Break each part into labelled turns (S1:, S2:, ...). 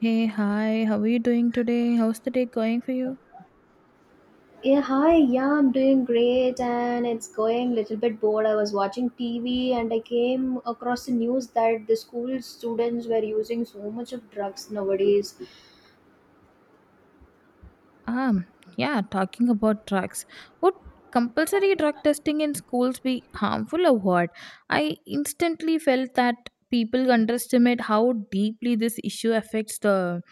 S1: Hey, hi, how are you doing today? How's the day going for you?
S2: Yeah, hi. Yeah, I'm doing great and it's going a little bit bored. I was watching TV and I came across the news that the school students were using so much of drugs nowadays.
S1: Um, yeah, talking about drugs. Would compulsory drug testing in schools be harmful or what? I instantly felt that people underestimate how deeply this issue affects the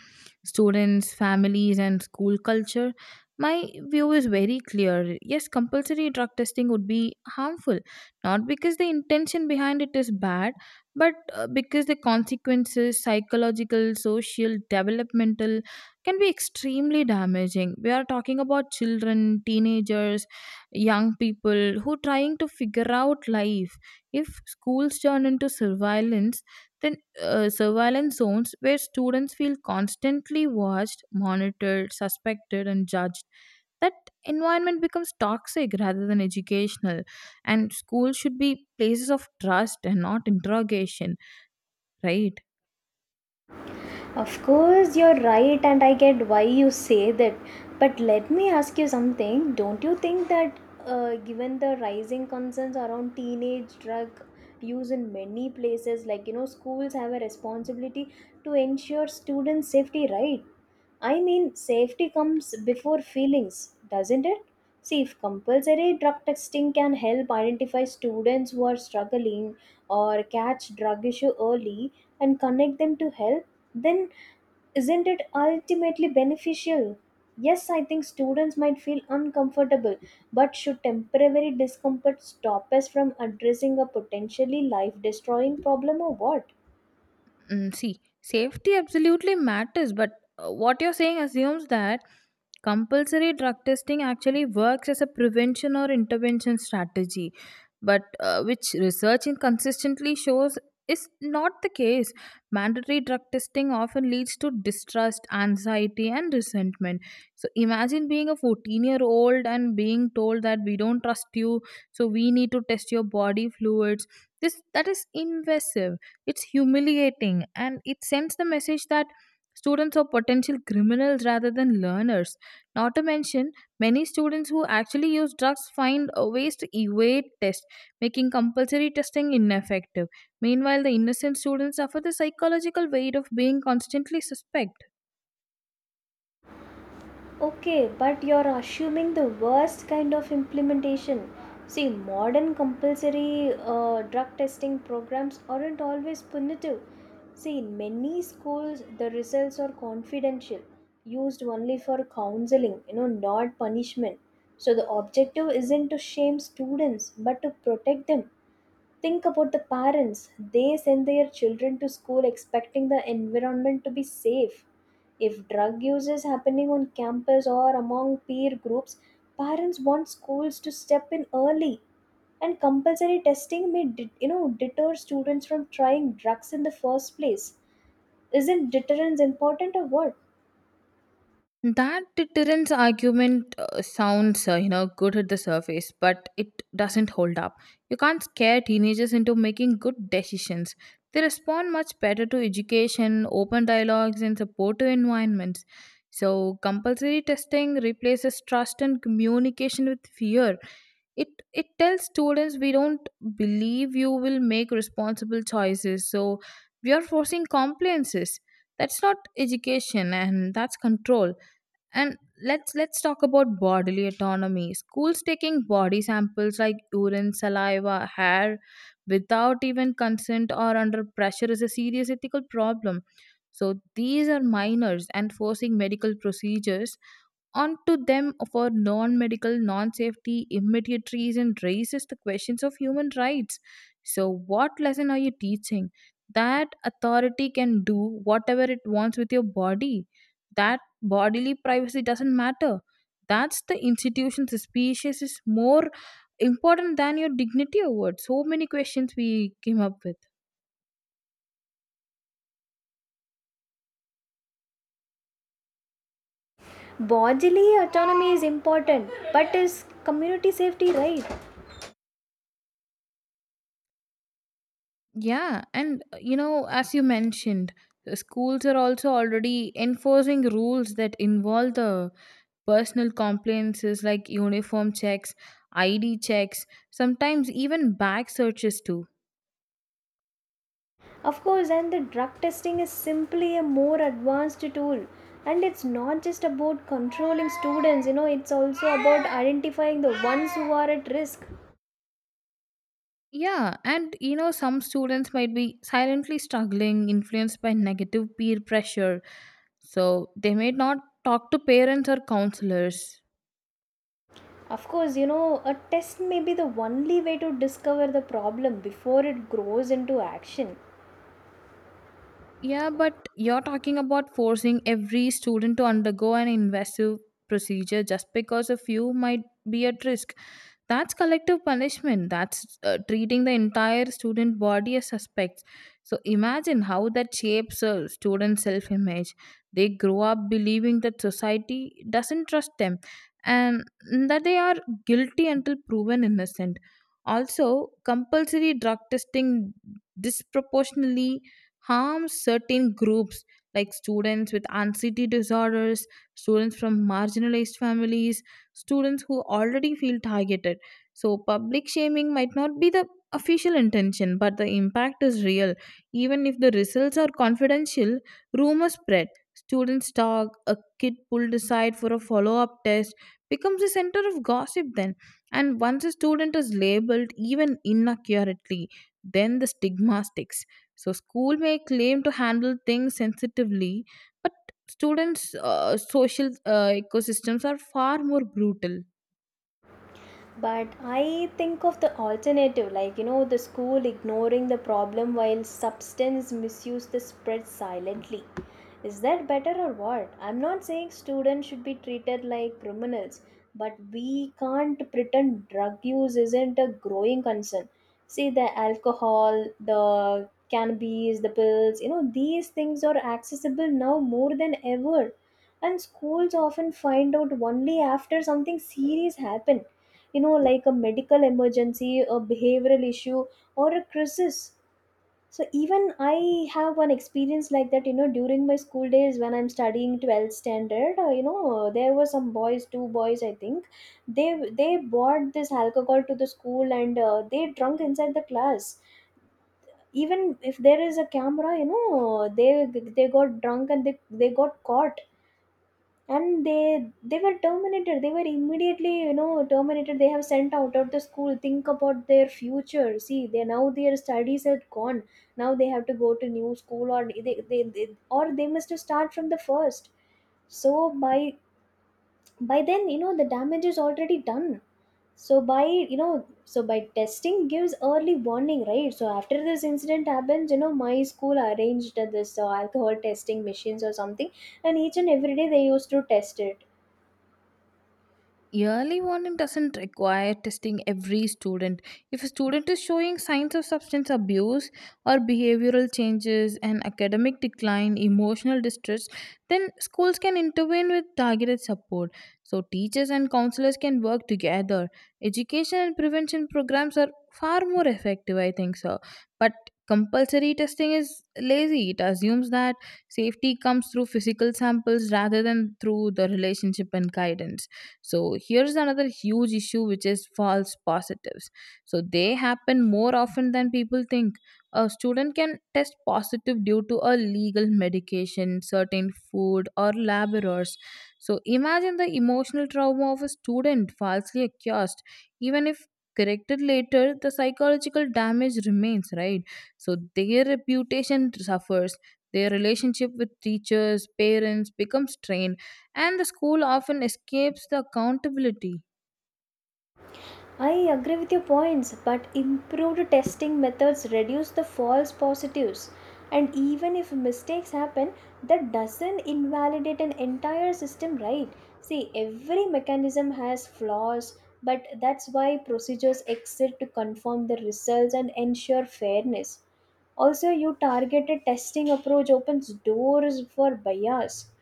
S1: students, families, and school culture. My view is very clear. Yes, compulsory drug testing would be harmful, not because the intention behind it is bad, but because the consequences, psychological, social, developmental, can be extremely damaging. We are talking about children, teenagers, young people who trying to figure out life. If schools turn into surveillance, then surveillance zones where students feel constantly watched, monitored, suspected, and judged, that environment becomes toxic rather than educational. And schools should be places of trust and not interrogation, right?
S2: Of course, you're right, and I get why you say that. But let me ask you something. Don't you think that, given the rising concerns around teenage drug use in many places, like schools have a responsibility to ensure students' safety, right? I mean, safety comes before feelings, doesn't it? See, if compulsory drug testing can help identify students who are struggling or catch drug issue early and connect them to help, then isn't it ultimately beneficial? Yes, I think students might feel uncomfortable, but should temporary discomfort stop us from addressing a potentially life destroying problem or what?
S1: Mm, see, safety absolutely matters, but what you're saying assumes that compulsory drug testing actually works as a prevention or intervention strategy, but which research consistently shows is not the case. Mandatory drug testing often leads to distrust, anxiety, and resentment. So imagine being a 14-year-old and being told that we don't trust you, so we need to test your body fluids. This That is invasive. It's humiliating, and it sends the message that students are potential criminals rather than learners, not to mention, many students who actually use drugs find ways to evade tests, making compulsory testing ineffective. Meanwhile, the innocent students suffer the psychological weight of being constantly suspect.
S2: Okay, but you're assuming the worst kind of implementation. See, modern compulsory drug testing programs aren't always punitive. See, in many schools, the results are confidential, used only for counseling, not punishment. So the objective isn't to shame students, but to protect them. Think about the parents. They send their children to school expecting the environment to be safe. If drug use is happening on campus or among peer groups, parents want schools to step in early. And compulsory testing may deter students from trying drugs in the first place. Isn't deterrence important or what?
S1: That deterrence argument sounds, good at the surface, but it doesn't hold up. You can't scare teenagers into making good decisions. They respond much better to education, open dialogues, and supportive environments. So, compulsory testing replaces trust and communication with fear. It tells students we don't believe you will make responsible choices. So, we are forcing compliances. That's not education, and that's control. And let's talk about bodily autonomy. Schools taking body samples like urine, saliva, hair without even consent or under pressure is a serious ethical problem. So these are minors, and forcing medical procedures onto them for non-medical, non-safety immediate reason raises the questions of human rights. So what lesson are you teaching? That authority can do whatever it wants with your body? That bodily privacy doesn't matter? That's the institution's species is more important than your dignity award. So many questions we came up with.
S2: Bodily autonomy is important, but is community safety right?
S1: Yeah, and you know, as you mentioned, the schools are also already enforcing rules that involve the personal compliances like uniform checks, ID checks, sometimes even bag searches too.
S2: Of course, and the drug testing is simply a more advanced tool. And it's not just about controlling students, it's also about identifying the ones who are at risk.
S1: Yeah, and you know, some students might be silently struggling, influenced by negative peer pressure, so they may not talk to parents or counselors.
S2: Of course, a test may be the only way to discover the problem before it grows into action.
S1: Yeah, but you're talking about forcing every student to undergo an invasive procedure just because a few might be at risk. That's collective punishment. That's treating the entire student body as suspects. So imagine how that shapes a student's self image. They grow up believing that society doesn't trust them and that they are guilty until proven innocent. Also, compulsory drug testing disproportionately harms certain groups like students with anxiety disorders, students from marginalized families, students who already feel targeted. So, public shaming might not be the official intention, but the impact is real. Even if the results are confidential, rumors spread. Students talk, a kid pulled aside for a follow up test becomes a center of gossip then. And once a student is labeled, even inaccurately, then the stigma sticks. So school may claim to handle things sensitively, but students' social ecosystems are far more brutal.
S2: But I think of the alternative, like the school ignoring the problem while substance misuse the spread silently. Is that better, or what? I'm not saying students should be treated like criminals, but we can't pretend drug use isn't a growing concern. See, the alcohol, the cannabis, the pills, these things are accessible now more than ever. And schools often find out only after something serious happens, like a medical emergency, a behavioral issue, or a crisis. So even I have one experience like that, during my school days when I'm studying 12th standard. There were some boys, two boys I think, they they bought this alcohol to the school, and they drunk inside the class. Even if there is a camera, they got drunk and they got caught. And they were terminated. They were immediately terminated. They have sent out of the school. Think about their future. See, they now, their studies had gone. Now they have to go to new school, or they must start from the first. So by then, the damage is already done. So, by testing gives early warning, right? So after this incident happens, my school arranged this alcohol testing machines or something, and each and every day they used to test it.
S1: Yearly warning doesn't require testing every student. If a student is showing signs of substance abuse or behavioral changes and academic decline, emotional distress, then schools can intervene with targeted support. So, teachers and counselors can work together. Education and prevention programs are far more effective, I think so. But compulsory testing is lazy. It assumes that safety comes through physical samples rather than through the relationship and guidance. So here's another huge issue, which is false positives. So they happen more often than people think. A student can test positive due to a legal medication, certain food, or lab errors. So imagine the emotional trauma of a student falsely accused. Even if corrected later, the psychological damage remains, right? So their reputation suffers, their relationship with teachers, parents becomes strained, and the school often escapes the accountability.
S2: I agree with your points, but improved testing methods reduce the false positives. And even if mistakes happen, that doesn't invalidate an entire system, right? See, every mechanism has flaws, but that's why procedures exist to confirm the results and ensure fairness. Also, your targeted testing approach opens doors for bias.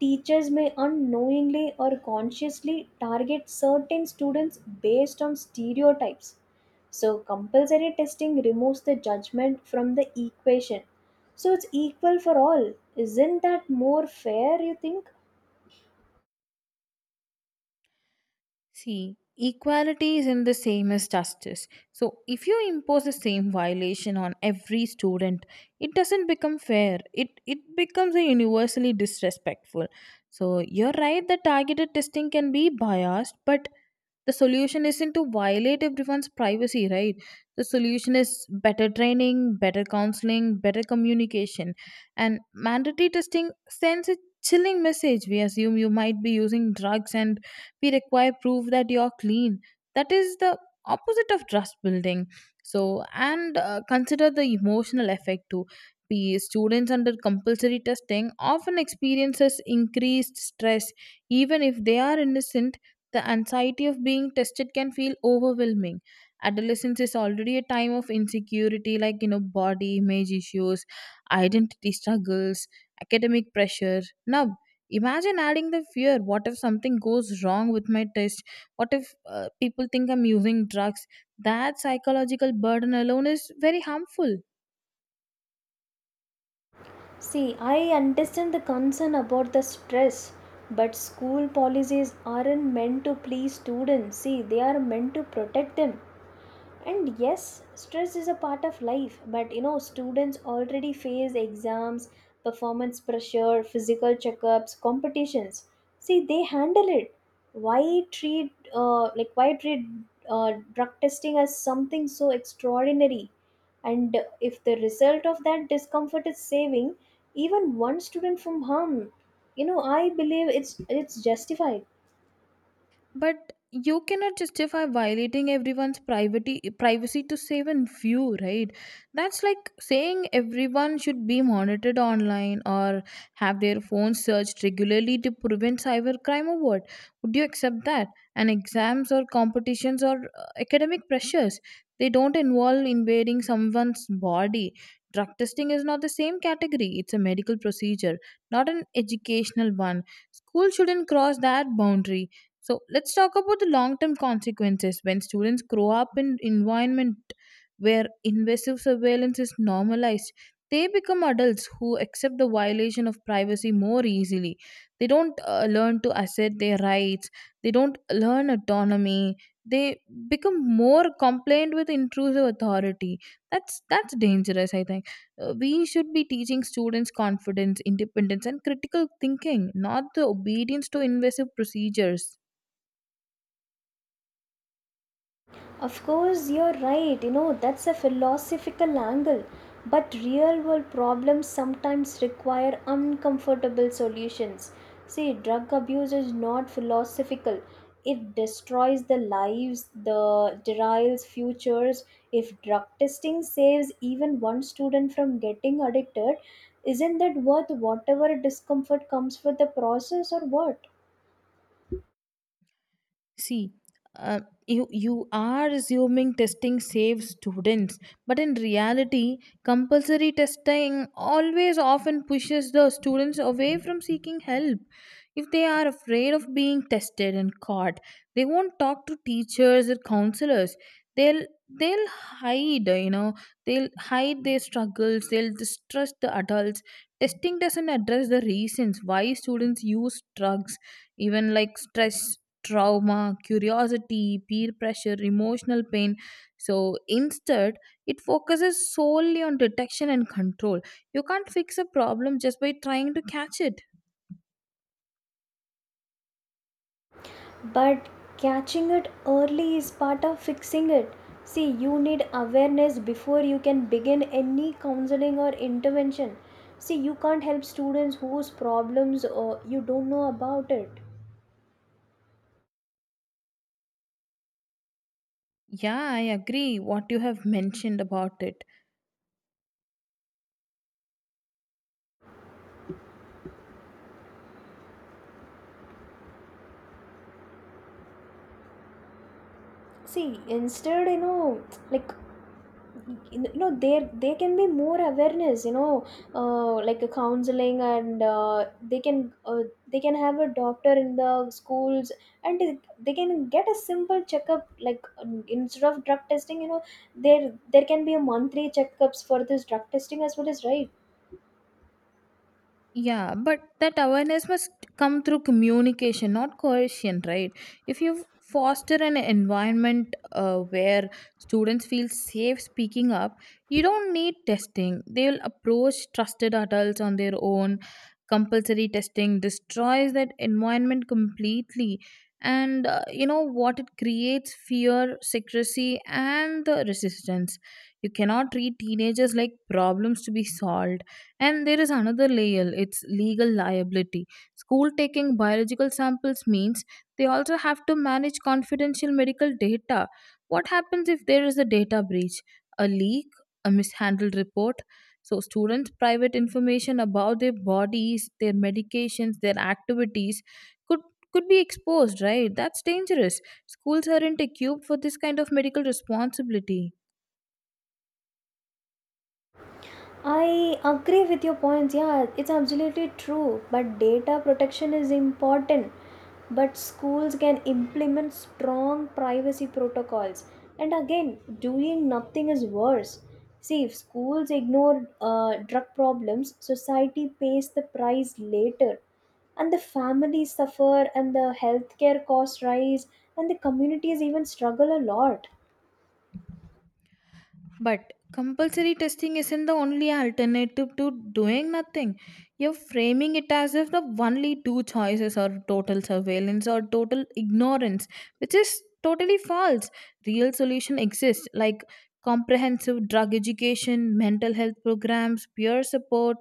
S2: Teachers may unknowingly or consciously target certain students based on stereotypes. So, compulsory testing removes the judgment from the equation. So, it's equal for all. Isn't that more fair, you think?
S1: See, equality isn't the same as justice. So, if you impose the same violation on every student, it doesn't become fair. It becomes a universally disrespectful. So, you're right that targeted testing can be biased, but the solution isn't to violate everyone's privacy, right? The solution is better training, better counseling, better communication. And mandatory testing sends a chilling message. We assume you might be using drugs and we require proof that you're clean. That is the opposite of trust building. So and consider the emotional effect too. P students under compulsory testing often experiences increased stress. Even if they are innocent, the anxiety of being tested can feel overwhelming. Adolescence is already a time of insecurity, like you know, body image issues, identity struggles, academic pressure. Now imagine adding the fear. What if something goes wrong with my test? What if people think I'm using drugs? That psychological burden alone is very harmful.
S2: See, I understand the concern about the stress, but school policies aren't meant to please students. See, they are meant to protect them. And yes, stress is a part of life, but students already face exams, performance pressure, physical checkups, competitions. See, they handle it. Why treat drug testing as something so extraordinary? And if the result of that discomfort is saving even one student from harm, I believe it's justified.
S1: But you cannot justify violating everyone's privacy to save and view, right? That's like saying everyone should be monitored online or have their phones searched regularly to prevent cybercrime or what? Would you accept that? And exams or competitions or academic pressures, they don't involve invading someone's body. Drug testing is not the same category. It's a medical procedure, not an educational one. School shouldn't cross that boundary. So let's talk about the long term consequences. When students grow up in environment where invasive surveillance is normalized, they become adults who accept the violation of privacy more easily. They don't learn to assert their rights. They don't learn autonomy. They become more compliant with intrusive authority. That's dangerous, I think. We should be teaching students confidence, independence, and critical thinking, not the obedience to invasive procedures.
S2: Of course, you're right. That's a philosophical angle. But real world problems sometimes require uncomfortable solutions. See, drug abuse is not philosophical. It destroys the lives, the derails futures. If drug testing saves even one student from getting addicted, isn't that worth whatever discomfort comes with the process or what?
S1: See, uh, you are assuming testing saves students, but in reality, compulsory testing always often pushes the students away from seeking help. If they are afraid of being tested and caught, they won't talk to teachers or counselors. They'll they'll hide, you know, they'll hide their struggles. They'll distrust the adults. Testing doesn't address the reasons why students use drugs, even like stress, trauma, curiosity, peer pressure, emotional pain. So instead, it focuses solely on detection and control. You can't fix a problem just by trying to catch it.
S2: But catching it early is part of fixing it. See, you need awareness before you can begin any counseling or intervention. See, you can't help students whose problems you don't know about it.
S1: Yeah, I agree what you have mentioned about it.
S2: See, instead, like there can be more awareness. Like, a counseling, and they can uh, they can have a doctor in the schools. And they can get a simple checkup, like, instead of drug testing, there can be a monthly checkups for this drug testing as well, as right.
S1: Yeah, but that awareness must come through communication, not coercion, right? If you foster an environment where students feel safe speaking up, you don't need testing. They will approach trusted adults on their own. Compulsory testing destroys that environment completely. And you know what? It creates fear, secrecy, and the resistance. You cannot treat teenagers like problems to be solved. And there is another layer, it's legal liability. School taking biological samples means they also have to manage confidential medical data. What happens if there is a data breach, a leak, a mishandled report? So, students' private information about their bodies, their medications, their activities could could be exposed, right? That's dangerous. Schools aren't equipped for this kind of medical responsibility.
S2: I agree with your points. Yeah, it's absolutely true. But data protection is important. But schools can implement strong privacy protocols. And again, doing nothing is worse. See, if schools ignore drug problems, society pays the price later. And the families suffer, and the healthcare costs rise, and the communities even struggle a lot.
S1: But compulsory testing isn't the only alternative to doing nothing. You're framing it as if the only two choices are total surveillance or total ignorance, which is totally false. Real solution exists like comprehensive drug education, mental health programs, peer support,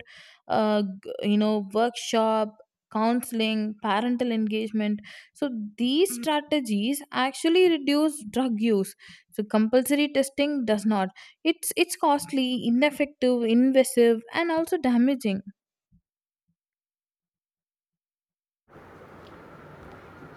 S1: workshop, counseling, parental engagement. So these strategies actually reduce drug use. So compulsory testing does not. It's costly, ineffective, invasive, and also damaging.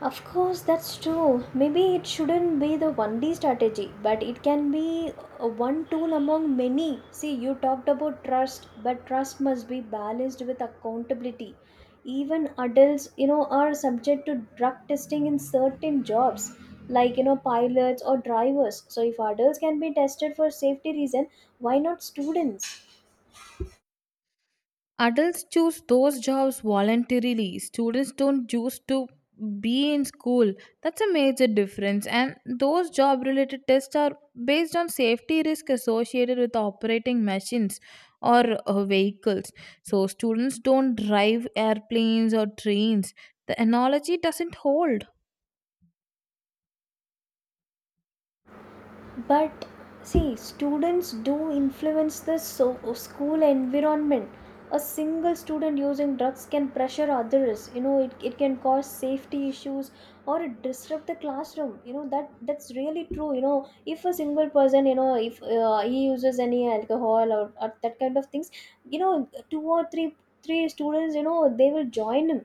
S2: Of course, that's true. Maybe it shouldn't be the 1D strategy, but it can be a one tool among many. See, you talked about trust, but trust must be balanced with accountability. Even adults, are subject to drug testing in certain jobs, like pilots or drivers. So if adults can be tested for safety reason, why not students?
S1: Adults choose those jobs voluntarily. Students don't choose to be in school. That's a major difference. And those job related tests are based on safety risk associated with operating machines or vehicles. So students don't drive airplanes or trains. The analogy doesn't hold.
S2: But see, students do influence the school environment. A single student using drugs can pressure others, it can cause safety issues or it disrupt the classroom. That's really true. If a single person, if he uses any alcohol or that kind of things, two or three, three students, they will join him.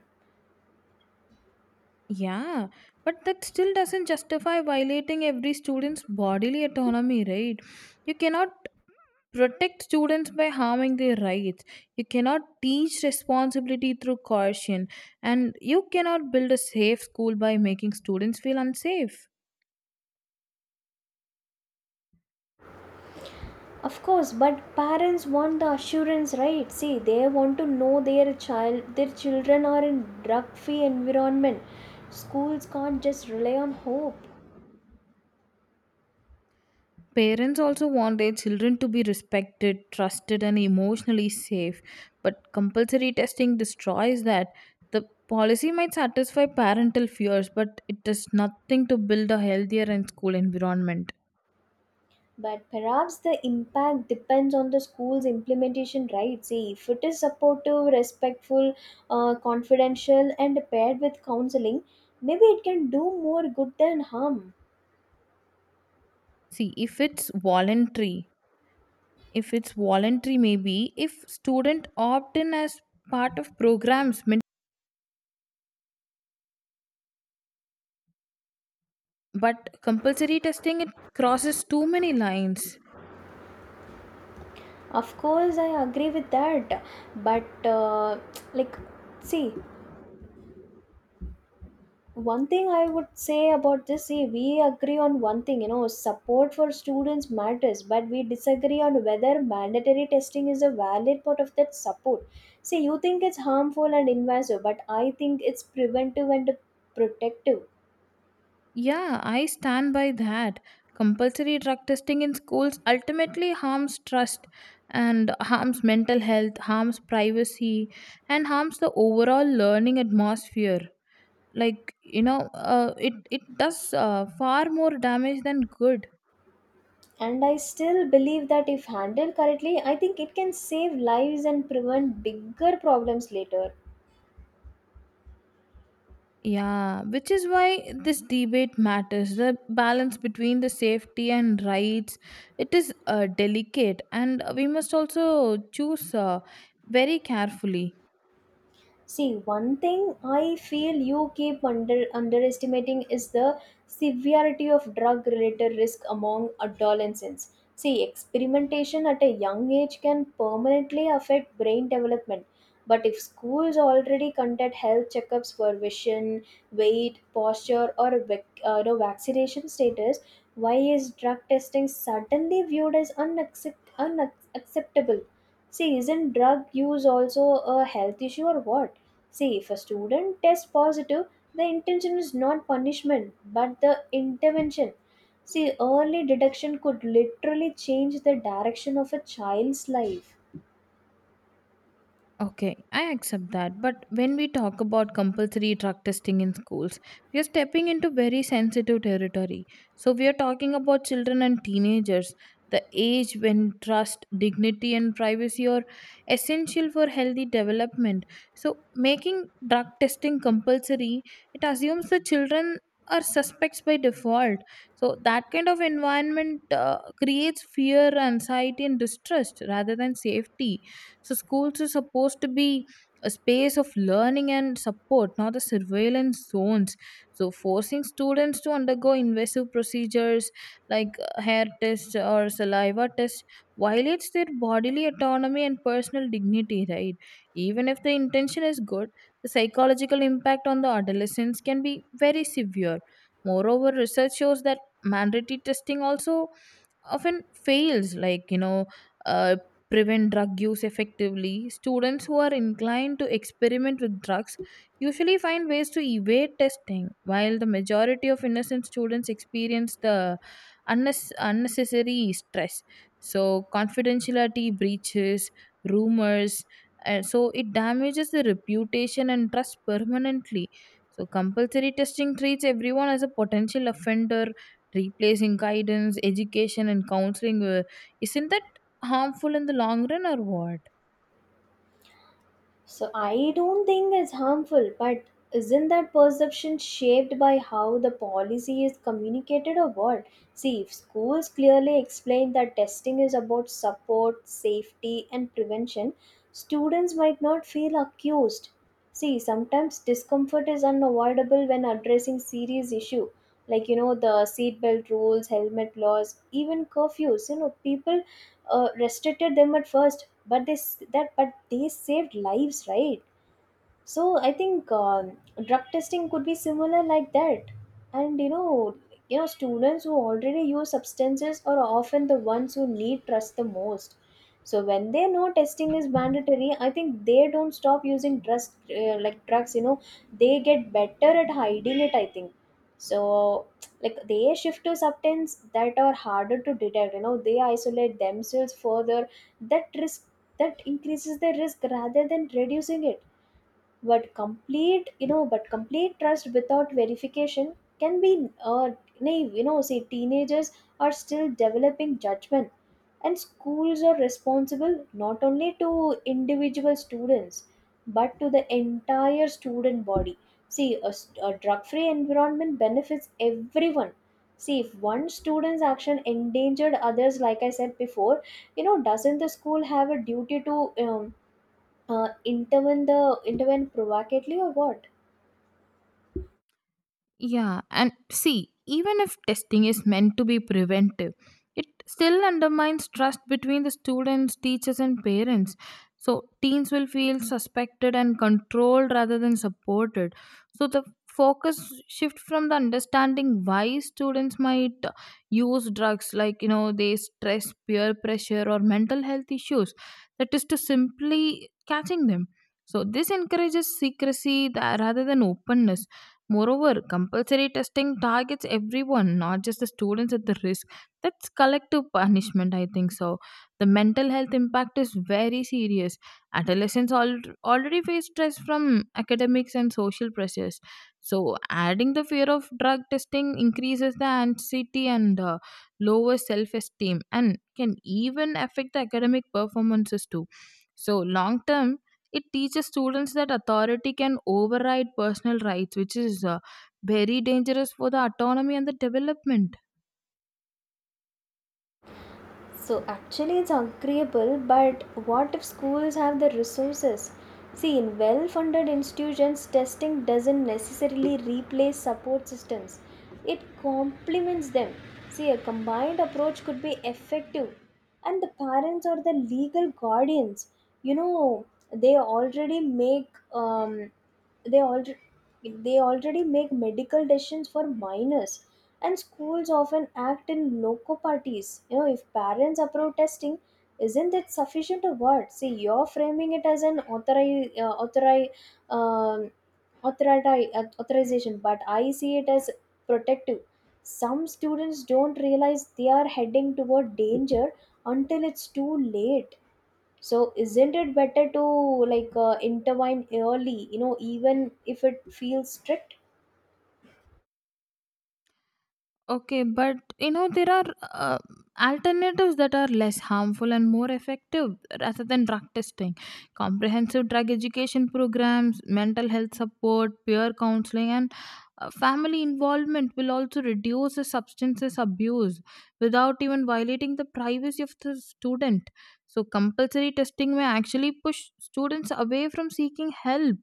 S1: Yeah, but that still doesn't justify violating every student's bodily autonomy, right? You cannot protect students by harming their rights. You cannot teach responsibility through coercion. And you cannot build a safe school by making students feel unsafe.
S2: Of course, but parents want the assurance, right? See, they want to know their child, their children are in drug-free environment. Schools can't just rely on hope.
S1: Parents also want their children to be respected, trusted, and emotionally safe. But compulsory testing destroys that. The policy might satisfy parental fears, but it does nothing to build a healthier and school environment.
S2: But perhaps the impact depends on the school's implementation, right? See, if it is supportive, respectful, confidential, and paired with counseling, maybe it can do more good than harm.
S1: See, if it's voluntary, maybe if student opt in as part of programs, but compulsory testing it crosses too many lines.
S2: Of course, I agree with that. But like, see, one thing I would say about this. See, we agree on one thing, support for students matters, but we disagree on whether mandatory testing is a valid part of that support. See, you think it's harmful and invasive, but I think it's preventive and protective.
S1: Yeah, I stand by that. Compulsory drug testing in schools ultimately harms trust and harms mental health, harms privacy, and harms the overall learning atmosphere. It does far more damage than good.
S2: And I still believe that if handled correctly, I think it can save lives and prevent bigger problems later.
S1: Yeah, which is why this debate matters. The balance between the safety and rights, it is delicate, and we must also choose very carefully.
S2: See, one thing I feel you keep underestimating is the severity of drug related risk among adolescents. See, experimentation at a young age can permanently affect brain development. But if schools already conduct health checkups for vision, weight, posture, or vaccination status, why is drug testing suddenly viewed as unacceptable? See, isn't drug use also a health issue or what? See, if a student tests positive, the intention is not punishment but the intervention. See, early detection could literally change the direction of a child's life.
S1: Okay, I accept that. But when we talk about compulsory drug testing in schools, we are stepping into very sensitive territory. So we are talking about children and teenagers, the age when trust, dignity, and privacy are essential for healthy development. So making drug testing compulsory, it assumes the children are suspects by default. So that kind of environment creates fear, anxiety, and distrust rather than safety. So schools are supposed to be a space of learning and support, not a surveillance zones. So forcing students to undergo invasive procedures like hair test or saliva test violates their bodily autonomy and personal dignity, right? Even if the intention is good, the psychological impact on the adolescents can be very severe. Moreover, research shows that mandatory testing also often fails uh, prevent drug use effectively. Students who are inclined to experiment with drugs usually find ways to evade testing, while the majority of innocent students experience the unnecessary stress. So confidentiality breaches, rumors, and so it damages the reputation and trust permanently. So compulsory testing treats everyone as a potential offender, replacing guidance, education, and counseling. Isn't that harmful in the long run or what?
S2: So I don't think it's harmful, but isn't that perception shaped by how the policy is communicated or what? See, if schools clearly explain that testing is about support, safety, and prevention, students might not feel accused. See, sometimes discomfort is unavoidable when addressing serious issue, like the seatbelt rules, helmet laws, even curfews. People restricted them at first, but they s- that but they saved lives, right? So I think, drug testing could be similar like that, and students who already use substances are often the ones who need trust the most. So when they know testing is mandatory, I think they don't stop using drugs, like drugs. They get better at hiding it. I think so. Like they shift to substances that are harder to detect. They isolate themselves further. That risk that increases the risk rather than reducing it. But complete you know but complete trust without verification can be naive. Say teenagers are still developing judgment, and schools are responsible not only to individual students but to the entire student body. See, a drug-free environment benefits everyone. See, if one student's action endangered others, like I said before, doesn't the school have a duty to uh, intervene the intervene provocatively or what?
S1: Yeah, and see, even if testing is meant to be preventive, it still undermines trust between the students, teachers, and parents. So teens will feel suspected and controlled rather than supported. So the focus shift from the understanding why students might use drugs, like, you know, they stress, peer pressure, or mental health issues, that is to simply catching them. So this encourages secrecy rather than openness. Moreover, compulsory testing targets everyone, not just the students at the risk. That's collective punishment, I think so. The mental health impact is very serious. Adolescents already face stress from academics and social pressures. So adding the fear of drug testing increases the anxiety and lower self esteem and can even affect the academic performances too. So long term it teaches students that authority can override personal rights, which is very dangerous for the autonomy and the development.
S2: So actually, it's agreeable. But what if schools have the resources? See, in well-funded institutions, testing doesn't necessarily replace support systems. It complements them. See, a combined approach could be effective, and the parents or the legal guardians, you know, they already make um, they already they already make medical decisions for minors, and schools often act in loco parties. If parents approve testing, isn't that sufficient a word? See, you're framing it as an authori- authori- um, authority authorization, but I see it as protective. Some students don't realize they are heading toward danger until it's too late. So isn't it better to, like intervene early, even if it feels strict?
S1: Okay, but you know there are uh, alternatives that are less harmful and more effective rather than drug testing. Comprehensive drug education programs, mental health support, peer counseling, and family involvement will also reduce the substances abuse without even violating the privacy of the student. So compulsory testing may actually push students away from seeking help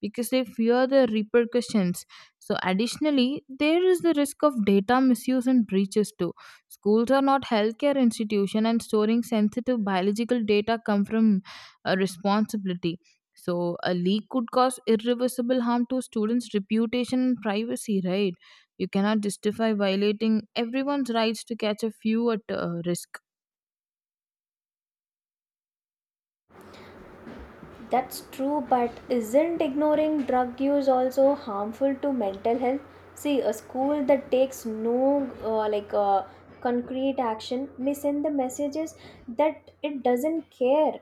S1: because they fear the repercussions. So additionally, there is the risk of data misuse and breaches too. Schools are not healthcare institution, and storing sensitive biological data come from a responsibility. So a leak could cause irreversible harm to students' reputation and privacy, right? You cannot justify violating everyone's rights to catch a few at risk.
S2: That's true, but isn't ignoring drug use also harmful to mental health? See, a school that takes no like concrete action may send the messages that it doesn't care.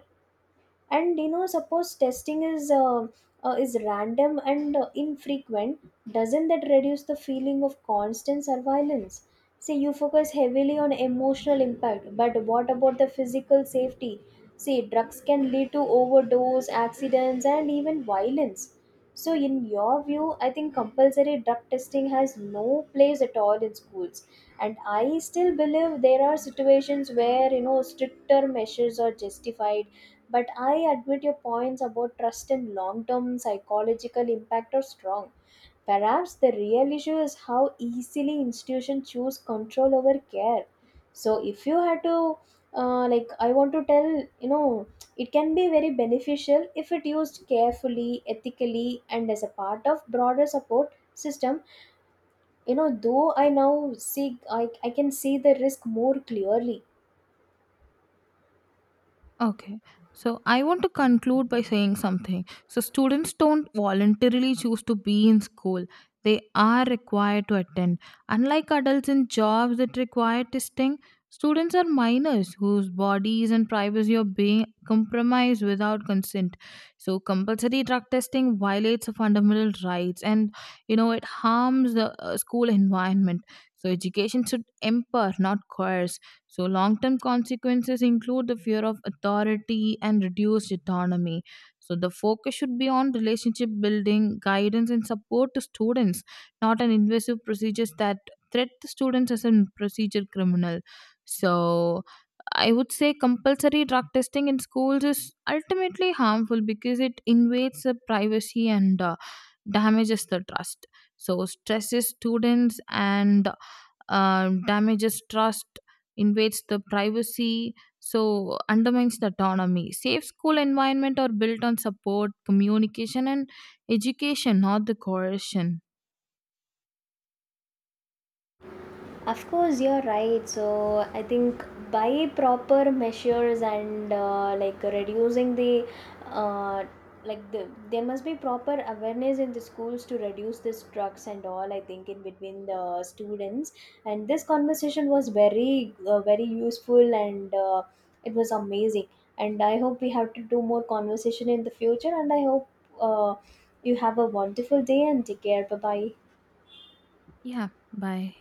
S2: And suppose testing is random and infrequent, doesn't that reduce the feeling of constant surveillance? See, you focus heavily on emotional impact, but what about the physical safety? See, drugs can lead to overdose accidents and even violence. So in your view, I think compulsory drug testing has no place at all in schools, and I still believe there are situations where stricter measures are justified. But I admit your points about trust and long term psychological impact are strong. Perhaps the real issue is how easily institutions choose control over care. So if you had to, like, I want to tell, it can be very beneficial if it used carefully, ethically, and as a part of broader support system. Though I now see, I can see the risk more clearly.
S1: Okay. So I want to conclude by saying something. So students don't voluntarily choose to be in school. They are required to attend. Unlike adults in jobs that require testing, students are minors whose bodies and privacy are being compromised without consent. So compulsory drug testing violates the fundamental rights and you know it harms the school environment. So education should empower, not coerce. So long term consequences include the fear of authority and reduced autonomy. So the focus should be on relationship building, guidance, and support to students, not an invasive procedures that threat the students as a procedure criminal. So I would say compulsory drug testing in schools is ultimately harmful because it invades the privacy and damages the trust. So stresses students and damages trust, invades the privacy, so undermines the autonomy. Safe school environment are built on support, communication, and education, not the coercion.
S2: Of course, you're right. So I think by proper measures and like reducing the uh, like the, there must be proper awareness in the schools to reduce this drugs and all. I think in between the students, and this conversation was very useful and it was amazing, and I hope we have to do more conversation in the future, and I hope uh, you have a wonderful day and take care. Bye bye.
S1: Yeah, bye.